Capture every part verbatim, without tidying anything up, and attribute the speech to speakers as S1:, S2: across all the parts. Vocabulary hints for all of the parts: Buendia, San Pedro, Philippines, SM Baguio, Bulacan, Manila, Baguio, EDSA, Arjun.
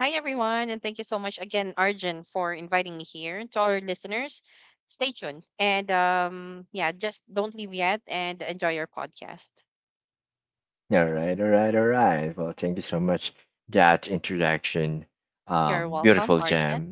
S1: Hi, everyone, and thank you so much again, Arjun, for inviting me here. To our listeners, stay tuned. And um, yeah, just don't leave yet and enjoy your podcast. You're welcome, Arjun.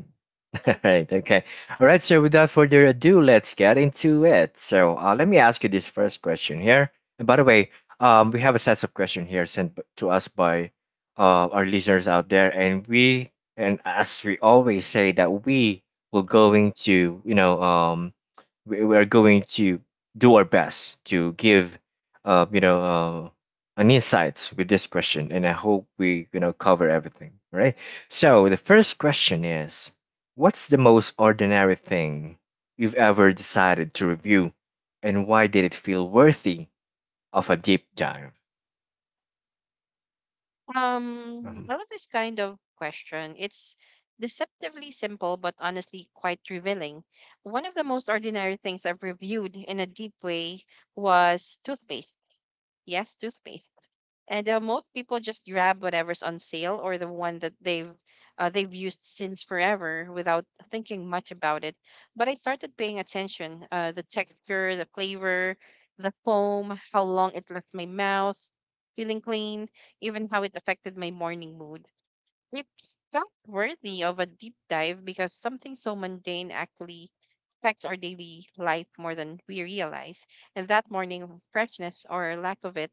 S1: Um, I love this kind of question. It's deceptively simple, but honestly quite revealing. One of the most ordinary things I've reviewed in a deep way was toothpaste. Yes, toothpaste. And uh, Most people just grab whatever's on sale or the one that they've uh, they've used since forever without thinking much about it. But I started paying attention: uh, the texture, the flavor, the foam, how long it left my mouth, feeling clean, even how it affected my morning mood. It felt worthy of a deep dive because something so mundane actually affects our daily life more than we realize. And that morning freshness or lack of it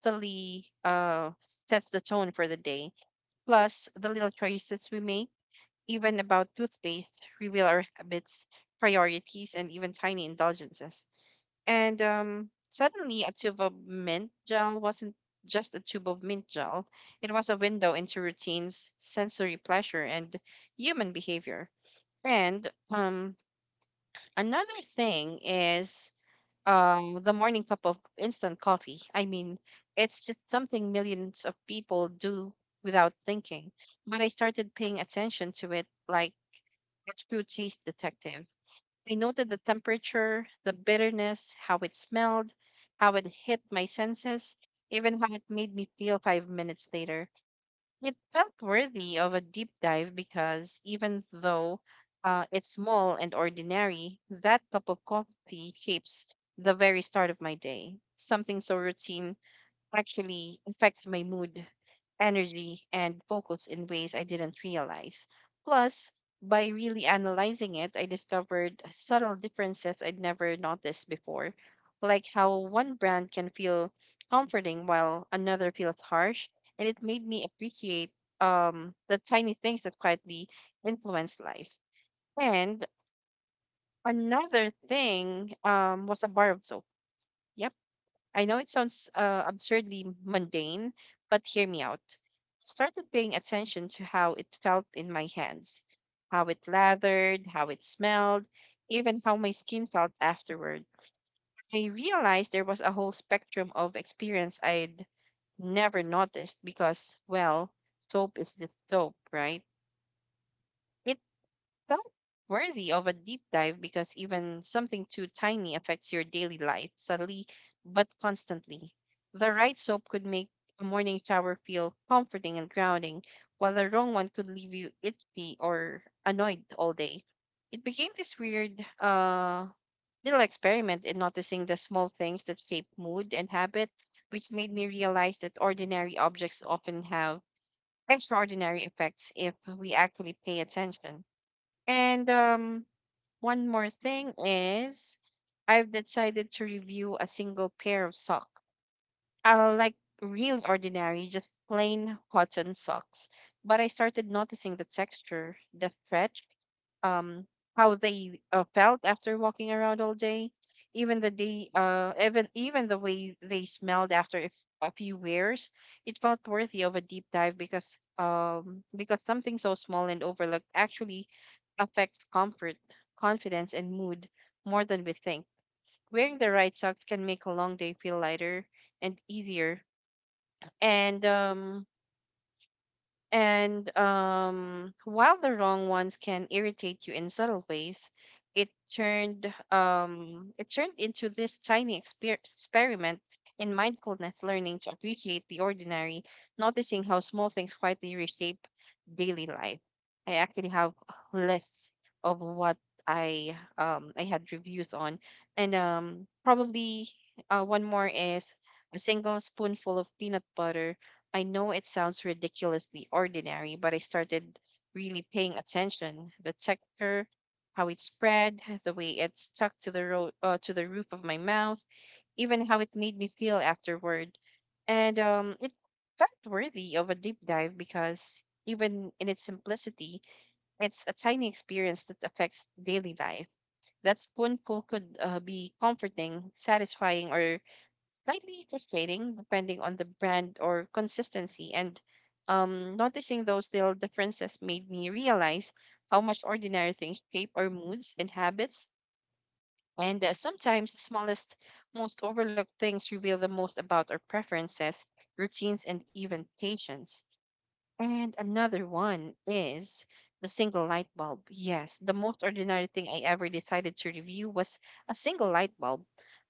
S1: subtly uh, sets the tone for the day. Plus, the little choices we make, even about toothpaste, reveal our habits, priorities, and even tiny indulgences. And um, Suddenly, a tube of mint gel wasn't just a tube of mint gel, it was a window into routines, sensory pleasure, and human behavior. And um, Another thing is um the morning cup of instant coffee. I mean, it's just something millions of people do without thinking. But I started paying attention to it like a true taste detective. I noted the temperature, the bitterness, how it smelled, how it hit my senses, even how it made me feel five minutes later. It felt worthy of a deep dive because even though uh, it's small and ordinary, that cup of coffee shapes the very start of my day. Something so routine actually affects my mood, energy, and focus in ways I didn't realize. Plus, by really analyzing it, I discovered subtle differences I'd never noticed before, like how one brand can feel comforting while another feels harsh, and it made me appreciate um, the tiny things that quietly influence life. And another thing um, was a bar of soap. Yeah, I know it sounds uh, absurdly mundane, but hear me out. Started paying attention to how it felt in my hands, how it lathered, how it smelled, even how my skin felt afterward. I realized there was a whole spectrum of experience I'd never noticed because, well, soap is just soap, right? It felt worthy of a deep dive because even something too tiny affects your daily life subtly but constantly. The right soap could make a morning shower feel comforting and grounding, while the wrong one could leave you itchy or annoyed all day. It became this weird uh, little experiment in noticing the small things that shape mood and habit, which made me realize that ordinary objects often have extraordinary effects if we actually pay attention. And um, One more thing is, I've decided to review a single pair of socks. I like real ordinary, just plain cotton socks. But I started noticing the texture, the stretch, um how they uh, felt after walking around all day, even the day uh even even the way they smelled after, if, a few wears. It felt worthy of a deep dive because um because something so small and overlooked actually affects comfort, confidence, and mood more than we think. Wearing the right socks can make a long day feel lighter and easier, and um and um, while the wrong ones can irritate you in subtle ways. It turned um, it turned into this tiny exper- experiment in mindfulness, learning to appreciate the ordinary, noticing how small things quietly reshape daily life. I actually have lists of what I um, I had reviews on, and um, probably uh, one more is a single spoonful of peanut butter. I know it sounds ridiculously ordinary, but I started really paying attention. The texture, how it spread, the way it stuck to the ro- uh, to the roof of my mouth, even how it made me feel afterward. And um, It felt worthy of a deep dive because even in its simplicity, it's a tiny experience that affects daily life. That spoonful could uh, be comforting, satisfying, or slightly frustrating depending on the brand or consistency. And um, Noticing those little differences made me realize how much ordinary things shape our moods and habits. And uh, Sometimes the smallest, most overlooked things reveal the most about our preferences, routines, and even patience. And another one is the single light bulb. Yes, the most ordinary thing I ever decided to review was a single light bulb.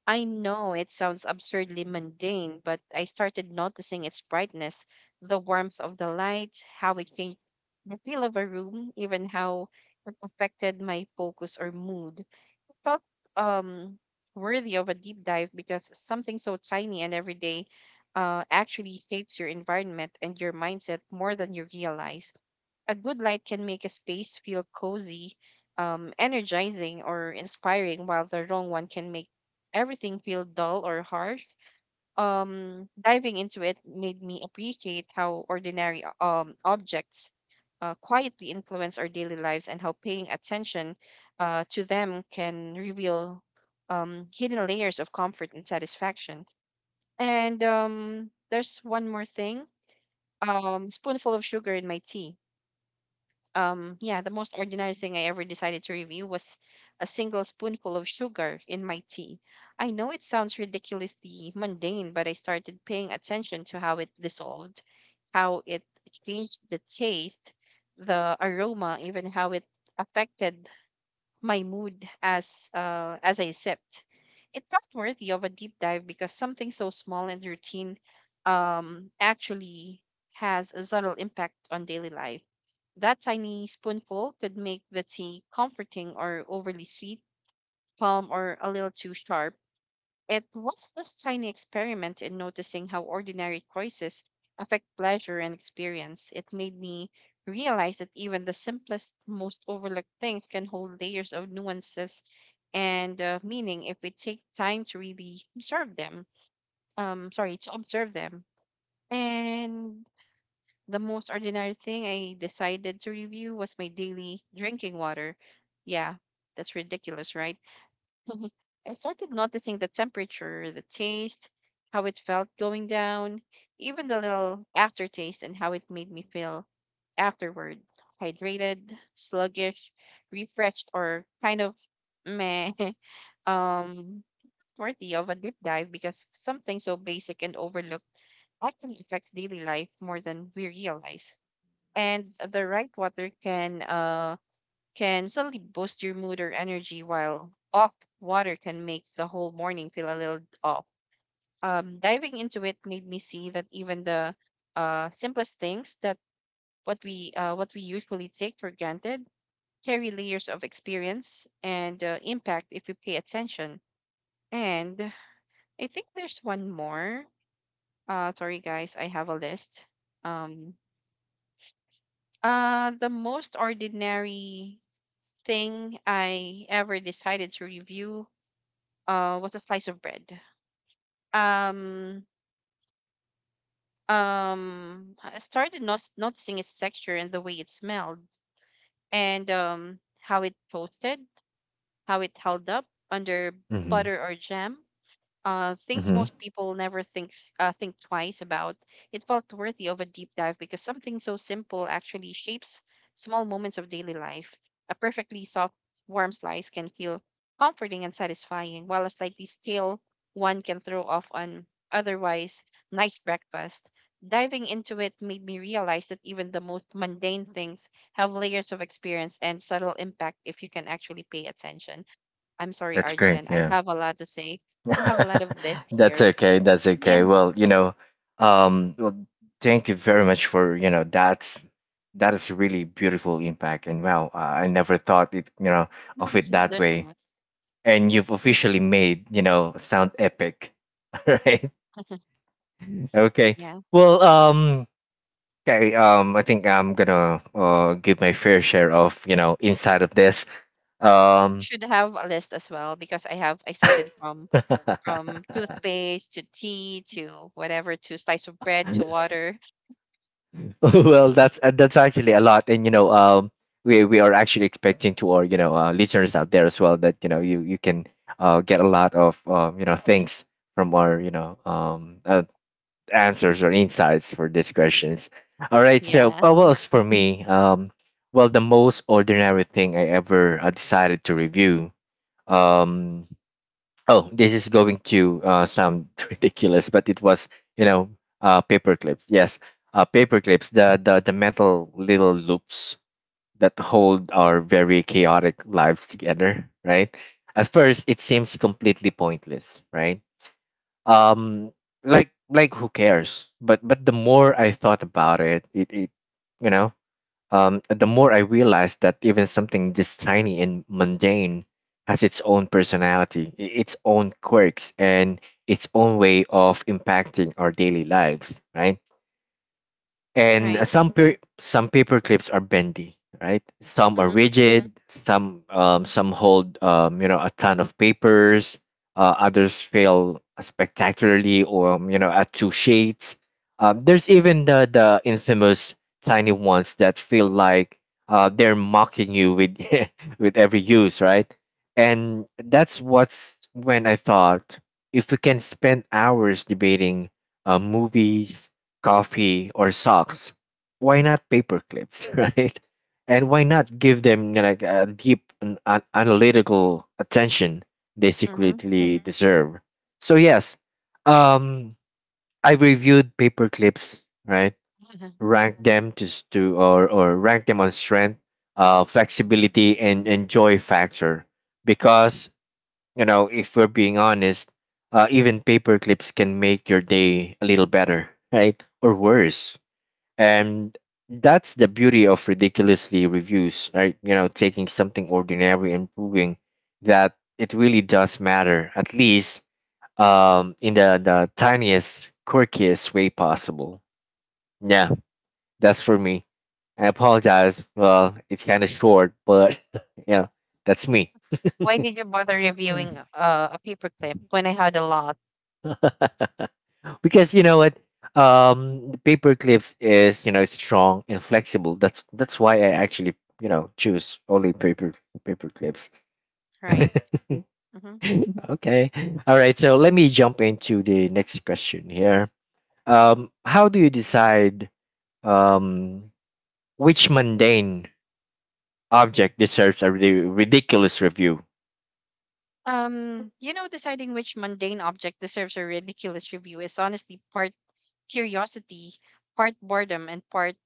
S1: I know it sounds absurdly mundane, but I started noticing its brightness, the warmth of the light, how it changed the feel of a room, even how it affected my focus or mood. Felt um worthy of a deep dive because something so tiny and everyday uh, actually shapes your environment and your mindset more than you realize. A good light can make a space feel cozy, um, energizing, or inspiring, while the wrong one can make everything feel dull or harsh. Um diving into it made me appreciate how ordinary uh, um objects uh, quietly influence our daily lives, and how paying attention uh, to them can reveal um, hidden layers of comfort and satisfaction. And um, There's one more thing, um, spoonful of sugar in my tea. um, yeah, the most ordinary thing I ever decided to review was a single spoonful of sugar in my tea. I know it sounds ridiculously mundane, but I started paying attention to how it dissolved, how it changed the taste, the aroma, even how it affected my mood as uh, as I sipped. It felt worthy of a deep dive because something so small and routine um, actually has a subtle impact on daily life. That tiny spoonful could make the tea comforting or overly sweet, calm or a little too sharp. It was this tiny experiment in noticing how ordinary choices affect pleasure and experience. It made me realize that even the simplest, most overlooked things can hold layers of nuances and uh, meaning if we take time to really observe them. Um, sorry, to observe them. And the most ordinary thing I decided to review was my daily drinking water. Yeah, that's ridiculous, right? Mhm. I started noticing the temperature, the taste, how it felt going down, even the little aftertaste and how it made me feel afterward. Hydrated, sluggish, refreshed, or kind of meh, um, worthy of a deep dive because something so basic and overlooked actually affects daily life more than we realize. And the right water can uh, can suddenly boost your mood or energy, while off water can make the whole morning feel a little off. Um, diving into it made me see that even the uh, simplest things, that what we uh, what we usually take for granted, carry layers of experience and uh, impact if we pay attention. And I think there's one more. Uh, sorry guys, I have a list. Um, uh, the most ordinary thing I ever decided to review uh, was a slice of bread. Um, um, I started not noticing its texture and the way it smelled, and um, how it toasted, how it held up under
S2: Mhm.
S1: butter or jam. Uh, things
S2: Mhm.
S1: most people never thinks uh, think twice about. It felt worthy of a deep dive because something so simple actually shapes small moments of daily life. A perfectly soft, warm slice can feel comforting and satisfying, while a slightly stale one can throw off an otherwise nice breakfast. Diving into it made me realize that even the most mundane things have layers of experience and subtle impact if you can actually pay attention. I'm sorry,
S2: That's great.
S1: Arjun. I
S2: Yeah.
S1: have a lot to say. I have a lot of list
S2: That's
S1: here.
S2: okay. That's okay.
S1: Yeah,
S2: Well, you know, um, well, thank you very much for, you know, that's that is really beautiful impact. And wow, uh, I never thought it, you know, of it that
S1: there's a
S2: way.
S1: lot.
S2: And you've officially made, you know, sound epic. All right. Okay.
S1: Yeah,
S2: Well, um, okay. Um, I think I'm gonna uh give my fair share of, you know, inside of this. Um.
S1: should have a list as well because I have I started from from toothpaste to tea to whatever to slice of bread to water.
S2: Well, that's uh, that's actually a lot, and you know, um, we we are actually expecting to our you know uh, listeners out there as well that you know you you can uh, get a lot of um, you know things from our you know um, uh, answers or insights for these questions. All right, so
S1: Yeah,
S2: uh, well, as for me, um, well, the most ordinary thing I ever uh, decided to review. Um, oh, this is going to uh, sound ridiculous, but it was you know uh, paper clips. Yes, uh, paper clips, the, the the metal little loops that hold our very chaotic lives together, right? At first it seems completely pointless, right? um like like who cares, but but the more I thought about it it, it you know, um, the more I realized that even something this tiny and mundane has its own personality, i- its own quirks, and its own way of impacting our daily lives, right? And uh,
S1: right.
S2: some per- some paper clips are bendy, right? Some are
S1: Hmm.
S2: rigid, some um, some hold um, you know a ton of papers. uh, others fail spectacularly or um, you know at two shades. um, there's even the the infamous tiny ones that feel like uh, they're mocking you with with every use, right? And that's what's when I thought, if we can spend hours debating uh, movies, coffee, or socks, why not paper clips, right? And why not give them, you know, like a deep an, an analytical attention they
S1: Hmm.
S2: secretly hmm deserve? So yes, um, I reviewed paper clips, right? Ranked them just to or or rank them on strength, uh, flexibility, and and joy factor. Because you know, if we're being honest, uh, even paper clips can make your day a little better, right? Or worse. And that's the beauty of ridiculously reviews, right? You know, taking something ordinary and proving that it really does matter, at least um in the the tiniest quirkiest way possible. Yeah, that's for me. I apologize, well, it's kind of short, but yeah, that's me.
S1: Why did you bother reviewing uh, a paperclip when I had a lot?
S2: Because you know what, um paper clips is, you know, it's strong and flexible. That's that's why I actually, you know, choose only paper paper clips.
S1: Right. Hmm.
S2: Okay. All right, so let me jump into the next question here. um how do you decide, um which mundane object deserves a ri- ridiculous review?
S1: Um, you know, deciding which mundane object deserves a ridiculous review is honestly part curiosity, part boredom, and part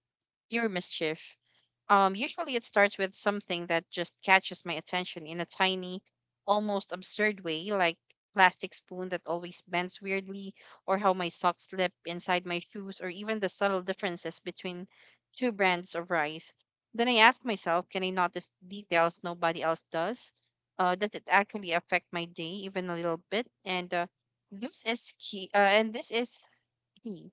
S1: pure mischief. Um, usually, it starts with something that just catches my attention in a tiny, almost absurd way, like plastic spoon that always bends weirdly, or how my socks slip inside my shoes, or even the subtle differences between two brands of rice. Then I ask myself, can I notice details nobody else does? Uh, does it actually affect my day even a little bit? And uh, This is key. Uh, and this is Hmm.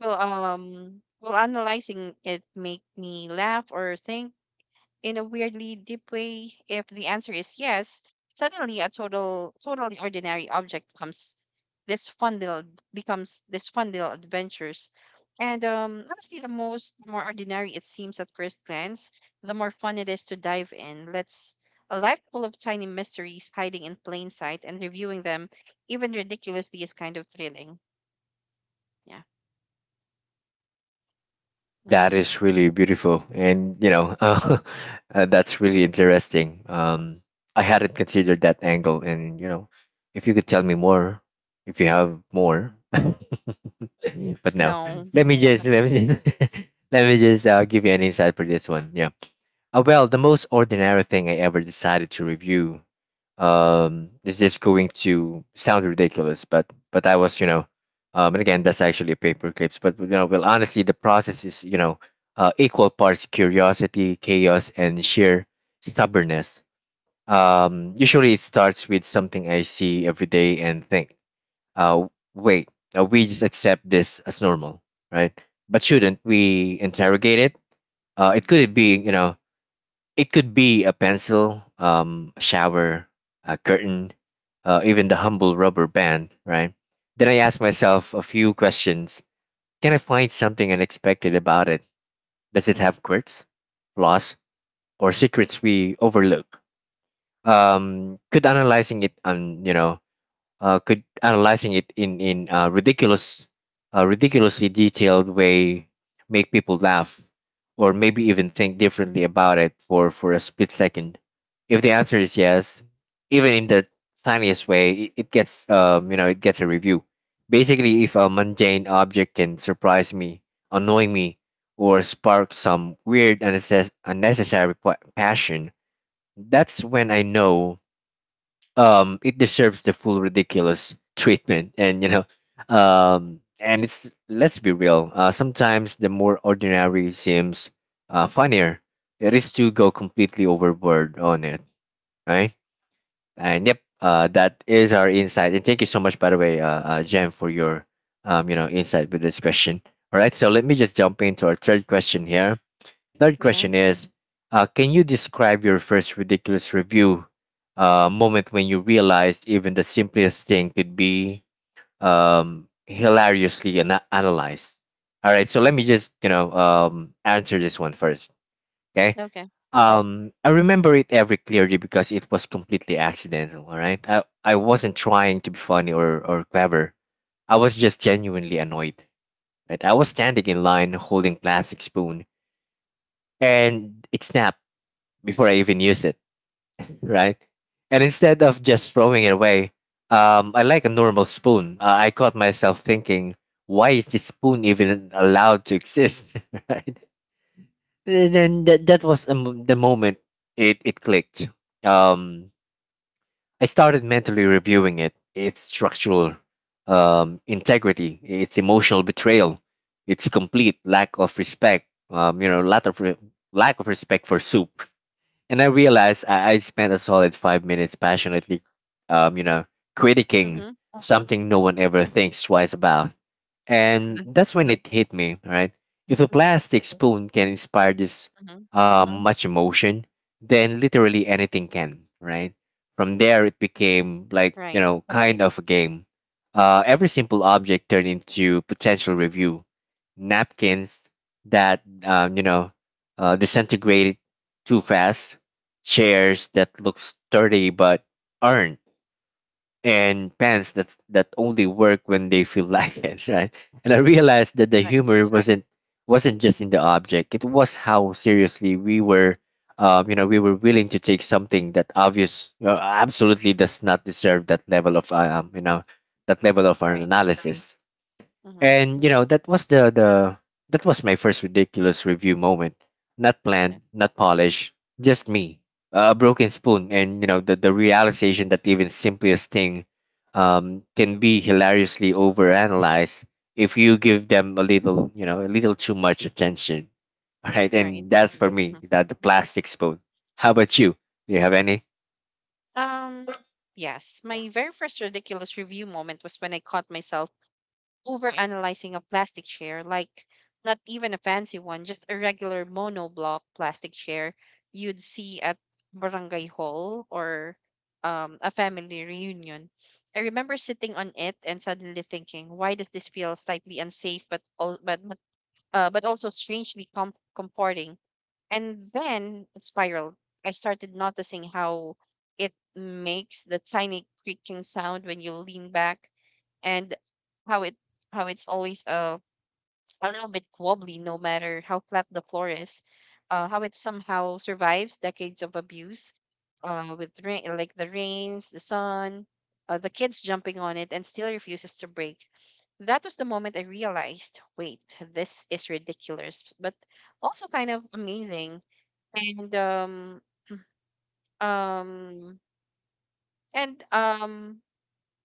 S1: Well, um, well, analyzing it make me laugh or think in a weirdly deep way. If the answer is yes, suddenly a total, totally ordinary object comes this fun little becomes this fun little adventures. And um, honestly, the most the more ordinary it seems at first glance, the more fun it is to dive in. Let's A life full of tiny mysteries hiding in plain sight, and reviewing them, even ridiculously, is kind of thrilling. Yeah. Mm-hmm.
S2: That is really beautiful, and you know, uh, uh, that's really interesting. Um, I hadn't considered that angle, and you know, if you could tell me more, if you have more, but no,
S1: No.
S2: let me just let me just let me just uh, give you an insight for this one. Yeah. Uh, well, the most ordinary thing I ever decided to review, um, this is going to sound ridiculous, but but I was, you know, um, and again, that's actually paper clips. But you know, well, honestly, the process is, you know, uh, equal parts curiosity, chaos, and sheer stubbornness. Um, usually, it starts with something I see every day and think, uh, wait, uh, we just accept this as normal, right? But shouldn't we interrogate it? Uh, it could be, you know, it could be a pencil, um, a shower, a curtain, uh, even the humble rubber band, right? Then I ask myself a few questions. Can I find something unexpected about it? Does it have quirks, flaws, or secrets we overlook? Um, could analyzing it on, you know, uh, could analyzing it in in a ridiculous, uh, ridiculously detailed way make people laugh, or maybe even think differently about it for for a split second. If the answer is yes, even in the tiniest way, it, it gets um you know it gets a review. Basically, if a mundane object can surprise me, annoy me, or spark some weird unnecess- unnecessary pa- passion, that's when I know um it deserves the full ridiculous treatment. And you know, um and it's, let's be real, uh sometimes the more ordinary seems uh funnier it is to go completely overboard on it, right? And yep, uh that is our insight, and thank you so much by the way, uh, uh Jen, for your um you know insight with this question. All right, so let me just jump into our third question here. Third
S1: Yeah.
S2: question is, uh, can you describe your first ridiculous review uh, moment when you realized even the simplest thing could be um, hilariously ana analyzed? All right, so let me just you know um, answer this one first. Okay,
S1: Okay.
S2: um, I remember it every clearly because it was completely accidental. All right, I, I wasn't trying to be funny or or clever. I was just genuinely annoyed. Right, I was standing in line holding plastic spoon, and it snapped before I even use it, right? And instead of just throwing it away, um, I like a normal spoon. Uh, I caught myself thinking, why is this spoon even allowed to exist, right? And then that, that was a mo- the moment it, it clicked. Um, I started mentally reviewing it, its structural um, integrity, its emotional betrayal, its complete lack of respect, um, you know, lack of, re- lack of respect for soup. And I realized I, I spent a solid five minutes passionately, um, you know, critiquing
S1: Mhm.
S2: something no one ever thinks twice about. And
S1: Mhm.
S2: that's when it hit me, right? If a
S1: Mhm.
S2: plastic spoon can inspire this
S1: Mhm.
S2: uh, much emotion, then literally anything can, right? From there, it became like, you
S1: Right.
S2: know, kind of a game. Uh, every simple object turned into potential review. Napkins that, um, you know, uh, disintegrated too fast, chairs that look sturdy but aren't, and pants that that only work when they feel like it, right? And I realized that the
S1: Right.
S2: humor wasn't wasn't just in the object; it was how seriously we were, um, you know, we were willing to take something that obvious, uh, absolutely does not deserve that level of, um, you know, that level of our Right.
S1: Right.
S2: analysis.
S1: Mhm.
S2: And you know, that was the the that was my first ridiculous review moment. Not
S1: Yeah.
S2: planned, not polished, just me, a broken spoon, and you know the, the realization that even simplest thing um, can be hilariously overanalyzed if you give them a little, you know, a little too much attention. All right,
S1: Right.
S2: and that's for me,
S1: Mhm.
S2: that the plastic spoon. How about you? Do you have any?
S1: Um. Yes. My very first ridiculous review moment was when I caught myself overanalyzing a plastic chair, like not even a fancy one, just a regular monoblock plastic chair you'd see at barangay hall or um, a family reunion. I remember sitting on it and suddenly thinking, why does this feel slightly unsafe but all, but uh, but also strangely com- comforting? And then it spiraled. I started noticing how it makes the tiny creaking sound when you lean back, and how it how it's always a a little bit wobbly no matter how flat the floor is, uh, how it somehow survives decades of abuse uh, with rain, like the rains, the sun, uh, the kids jumping on it and still refuses to break. That was the moment I realized, wait, this is ridiculous, but also kind of amazing. And um, um, and um,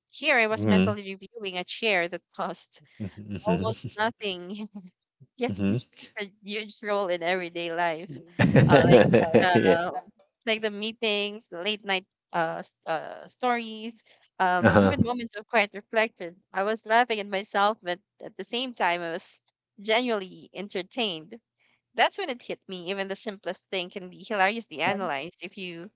S1: here I was
S2: Mhm.
S1: mentally reviewing a chair that cost
S2: Mhm.
S1: almost nothing. Yes,
S2: Mhm.
S1: there's such a huge role in everyday life. Uh, like
S2: Yeah.
S1: the like the meetings, the late night uh, s- uh stories, um,
S2: Uh-huh.
S1: even moments of quiet reflection. I was laughing at myself, but at the same time, I was genuinely entertained. That's when it hit me. Even the simplest thing can be hilariously analyzed if you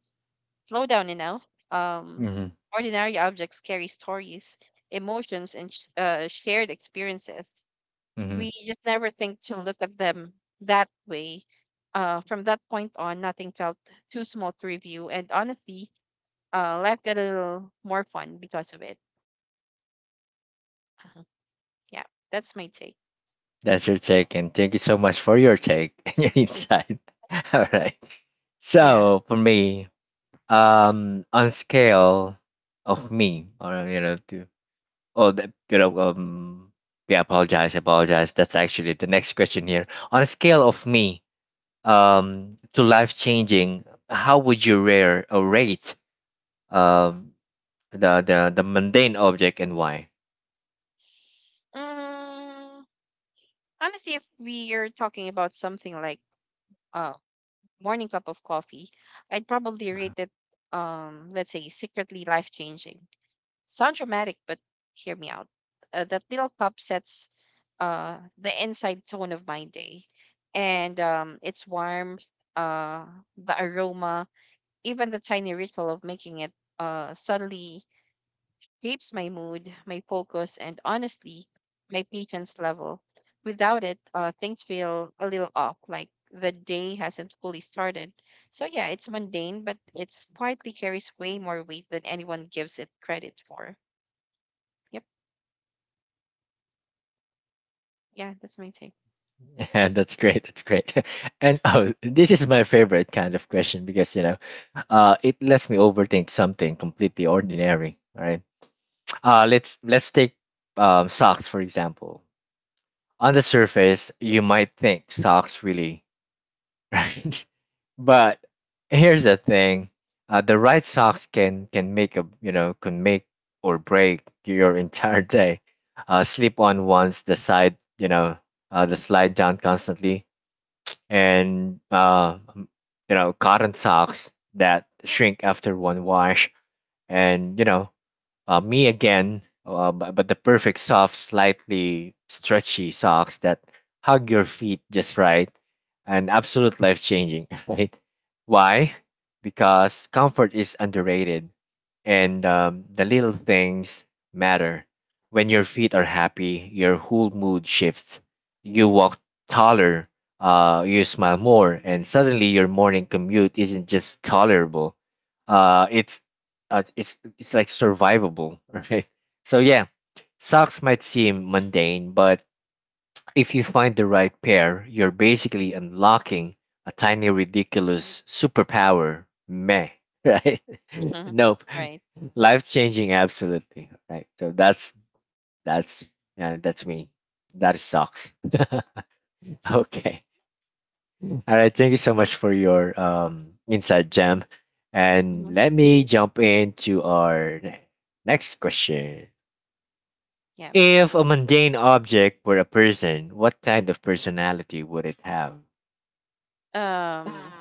S1: slow down enough. Um,
S2: Mhm.
S1: Ordinary objects carry stories, emotions, and sh- uh, shared experiences. We
S2: Mhm.
S1: just never think to look at them that way. Uh, from that point on, nothing felt too small to review, and honestly, uh, life got a little more fun because of it. Uh-huh. Yeah, that's my take.
S2: That's your take, and thank you so much for your take and your insight. All right.
S1: Yeah.
S2: So for me, um, on scale of me, or you know, to oh, the, you know, um, yeah, apologize, apologize. That's actually the next question here. On a scale of me, um, to life changing, how would you rare or rate, um, the the the mundane object and why?
S1: Um, honestly, if we are talking about something like uh, morning cup of coffee, I'd probably rate it, um, let's say, secretly life changing. Sound dramatic, but hear me out. Uh, that little cup sets uh, the inside tone of my day. And um, Its warmth, uh, the aroma, even the tiny ritual of making it uh, suddenly shapes my mood, my focus, and honestly, my patience level. Without it, uh, things feel a little off, like the day hasn't fully started. So, yeah, it's mundane, but it's quietly carries way more weight than anyone gives it credit for. Yep. Yeah, that's my take.
S2: Yeah, that's great. That's great. And oh, this is my favorite kind of question because you know, uh, it lets me overthink something completely ordinary. All right. Uh, let's let's take um socks for example. On the surface, you might think socks really, right? But here's the thing: uh, the right socks can can make a you know can make or break your entire day. Uh, slip on once, the side you know, uh, the slide down constantly and uh, um, you know cotton socks that shrink after one wash, and you know uh, me again, uh, bu- but the perfect soft, slightly stretchy socks that hug your feet just right and absolute life changing, right? Why? Because comfort is underrated and um, the little things matter. When your feet are happy, your whole mood shifts. You walk taller, uh, you smile more, and suddenly your morning commute isn't just tolerable. Uh, it's uh, it's it's like survivable, right? So yeah, socks might seem mundane, but if you find the right pair, you're basically unlocking a tiny ridiculous superpower. Meh, right?
S1: Mhm.
S2: Nope,
S1: Right.
S2: life changing, absolutely. Right. So that's that's yeah, that's me. That is socks. Okay. All right. Thank you so much for your um inside gem, and
S1: hmm
S2: let me jump into our ne- next question.
S1: Yeah.
S2: If a mundane object were a person, what kind of personality would it have?
S1: Um,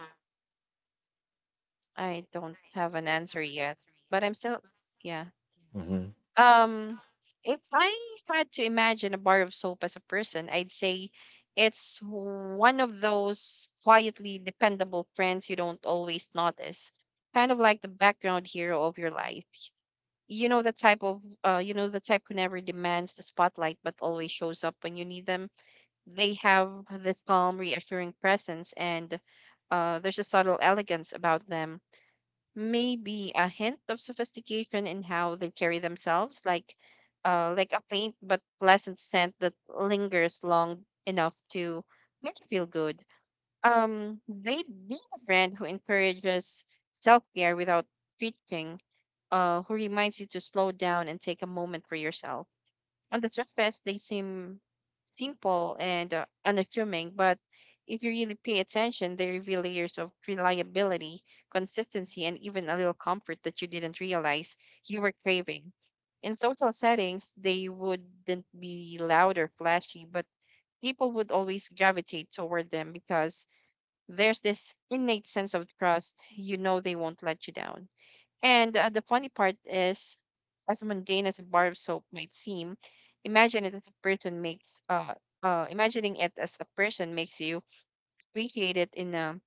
S1: I don't have an answer yet, but I'm still, yeah.
S2: Hmm.
S1: Um, if I had to imagine a bar of soap as a person, I'd say it's one of those quietly dependable friends you don't always notice, kind of like the background hero of your life. You know the type of, uh, you know the type who never demands the spotlight but always shows up when you need them. They have this calm, reassuring presence, and uh, there's a subtle elegance about them, maybe a hint of sophistication in how they carry themselves, like uh, like a faint but pleasant scent that lingers long enough to make you feel good. Um, they need a brand who encourages self care without preaching, uh, who reminds you to slow down and take a moment for yourself. On the surface, they seem simple and uh, unassuming, but if you really pay attention, they reveal layers of reliability, consistency, and even a little comfort that you didn't realize you were craving. In social settings, they wouldn't be loud or flashy, but people would always gravitate toward them because there's this innate sense of trust. You know they won't let you down. And uh, the funny part is, as mundane as a bar of soap might seem, imagine it as a person makes uh, uh imagining it as a person makes you appreciate it in a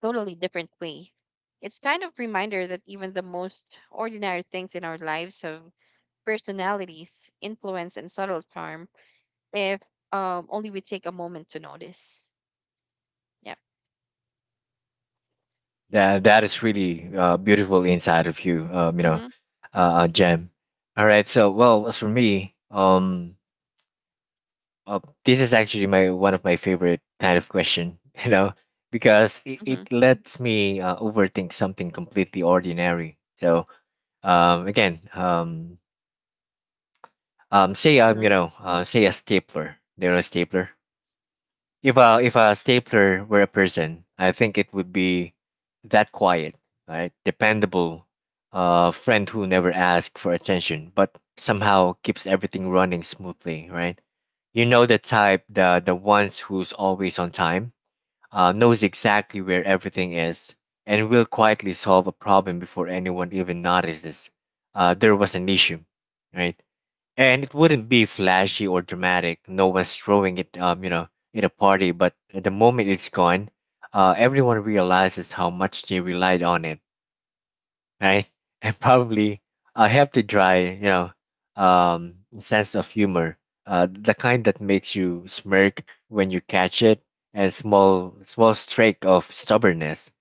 S1: totally different way. It's kind of reminder that even the most ordinary things in our lives have personalities, influence, and subtle charm if um, only we take a moment to notice. Yep.
S2: That that is really uh, beautiful inside of you, um, you know,
S1: Mm-hmm.
S2: uh, gem. All right. So, well, as for me, um, uh, this is actually my one of my favorite kind of question, you know, because it, it
S1: Mm-hmm.
S2: lets me uh, overthink something completely ordinary. So, um, again, um, um, say I'm,
S1: Mm-hmm.
S2: you know, uh, say a stapler. Do you know a stapler? If a if a stapler were a person, I think it would be that quiet, right? Dependable, uh, friend who never asks for attention, but somehow keeps everything running smoothly, right? You know the type, the the ones who's always on time, uh, knows exactly where everything is, and will quietly solve a problem before anyone even notices uh, there was an issue, right? And it wouldn't be flashy or dramatic. No one's throwing it, um, you know, in a party. But the moment it's gone, uh, everyone realizes how much they relied on it, right? And probably I have to dry, you know, um, sense of humor, uh, the kind that makes you smirk when you catch it, and small, small streak of stubbornness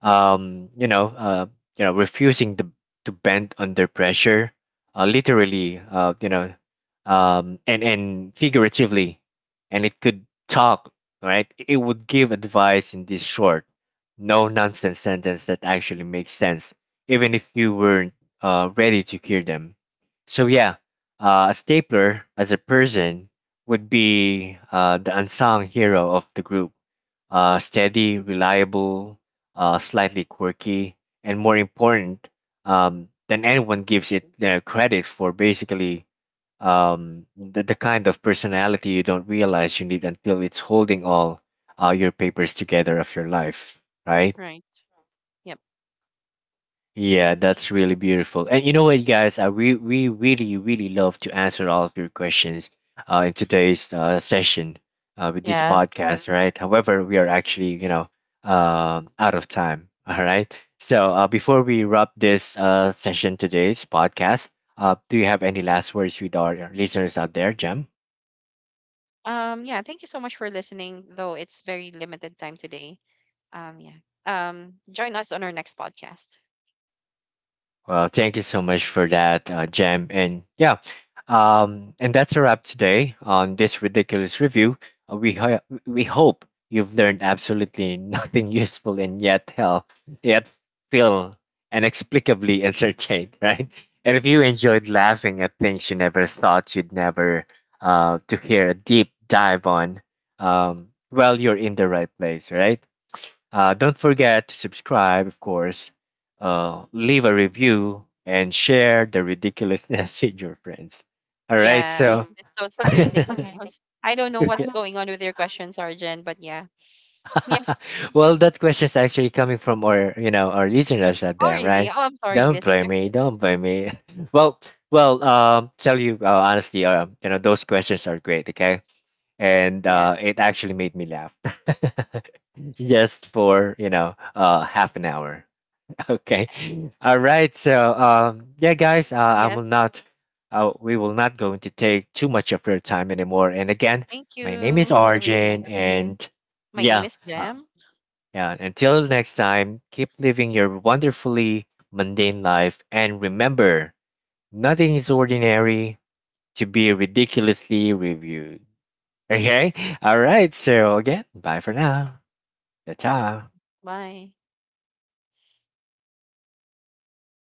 S2: um, you know, uh, you know, refusing to to bend under pressure, uh, literally, uh, you know, um, and and figuratively, and it could talk, right? It would give advice in this short, no nonsense sentence that actually makes sense, even if you weren't uh, ready to hear them. So yeah, uh, a stapler as a person would be uh, the unsung hero of the group, uh, steady, reliable, uh, slightly quirky, and more important um, than
S1: hmm
S2: anyone gives it uh, credit for. Basically, um, the, the kind of personality you don't realize you need until it's holding all uh, your papers together of your life, right?
S1: Right.
S2: Yeah, that's really beautiful. And you know what, guys, I re- we really, really love to answer all of your questions uh, in today's uh, session uh, with this
S1: Yep.
S2: podcast, right? However, we are actually, you know, um out of time. All right. So uh, before we wrap this uh, session today's podcast, uh, do you have any last words with our listeners out there, Jem?
S1: Um, yeah, thank you so much for listening, though it's very limited time today. Um, yeah. Um, join us on our next podcast.
S2: Well, thank you so much for that, uh, Jam. And yeah, um, and that's a wrap today on this ridiculous review. Uh, we ho- we hope you've learned absolutely nothing useful and yet hell yet feel inexplicably entertained, right? And if you enjoyed laughing at things you never thought you'd never uh, to hear a deep dive on, um, well, you're in the right place, right? Uh, don't forget to subscribe, of course, uh, leave a review, and share the ridiculousness with your friends. All right,
S1: Yeah,
S2: so.
S1: it's totally ridiculous. I don't know what's
S2: Yeah.
S1: going on with your question, Sergeant, but yeah. Yeah.
S2: Well, that question is actually coming from our, you know, our listeners out
S1: Oh,
S2: there,
S1: really?
S2: right?
S1: Oh, I'm sorry,
S2: Don't
S1: listener.
S2: blame me. Don't blame me. Well, well, um, tell you uh, honestly, uh, you know, those questions are great, okay? And
S1: Yeah.
S2: uh, it actually made me laugh, just for you know, uh, half an hour. Okay.
S1: Yeah.
S2: All right. So, um, yeah, guys, uh, I will
S1: Yes.
S2: not, uh, we will not going to take too much of your time anymore. And again,
S1: Thank
S2: my name is
S1: you,
S2: Arjun,
S1: everyone.
S2: and
S1: My name
S2: yeah,
S1: is
S2: uh,
S1: Jem.
S2: yeah. Until next time, keep living your wonderfully mundane life, and remember, nothing is ordinary to be ridiculously reviewed. Okay. All right. So again, bye for now. Ta-ta.
S1: Bye.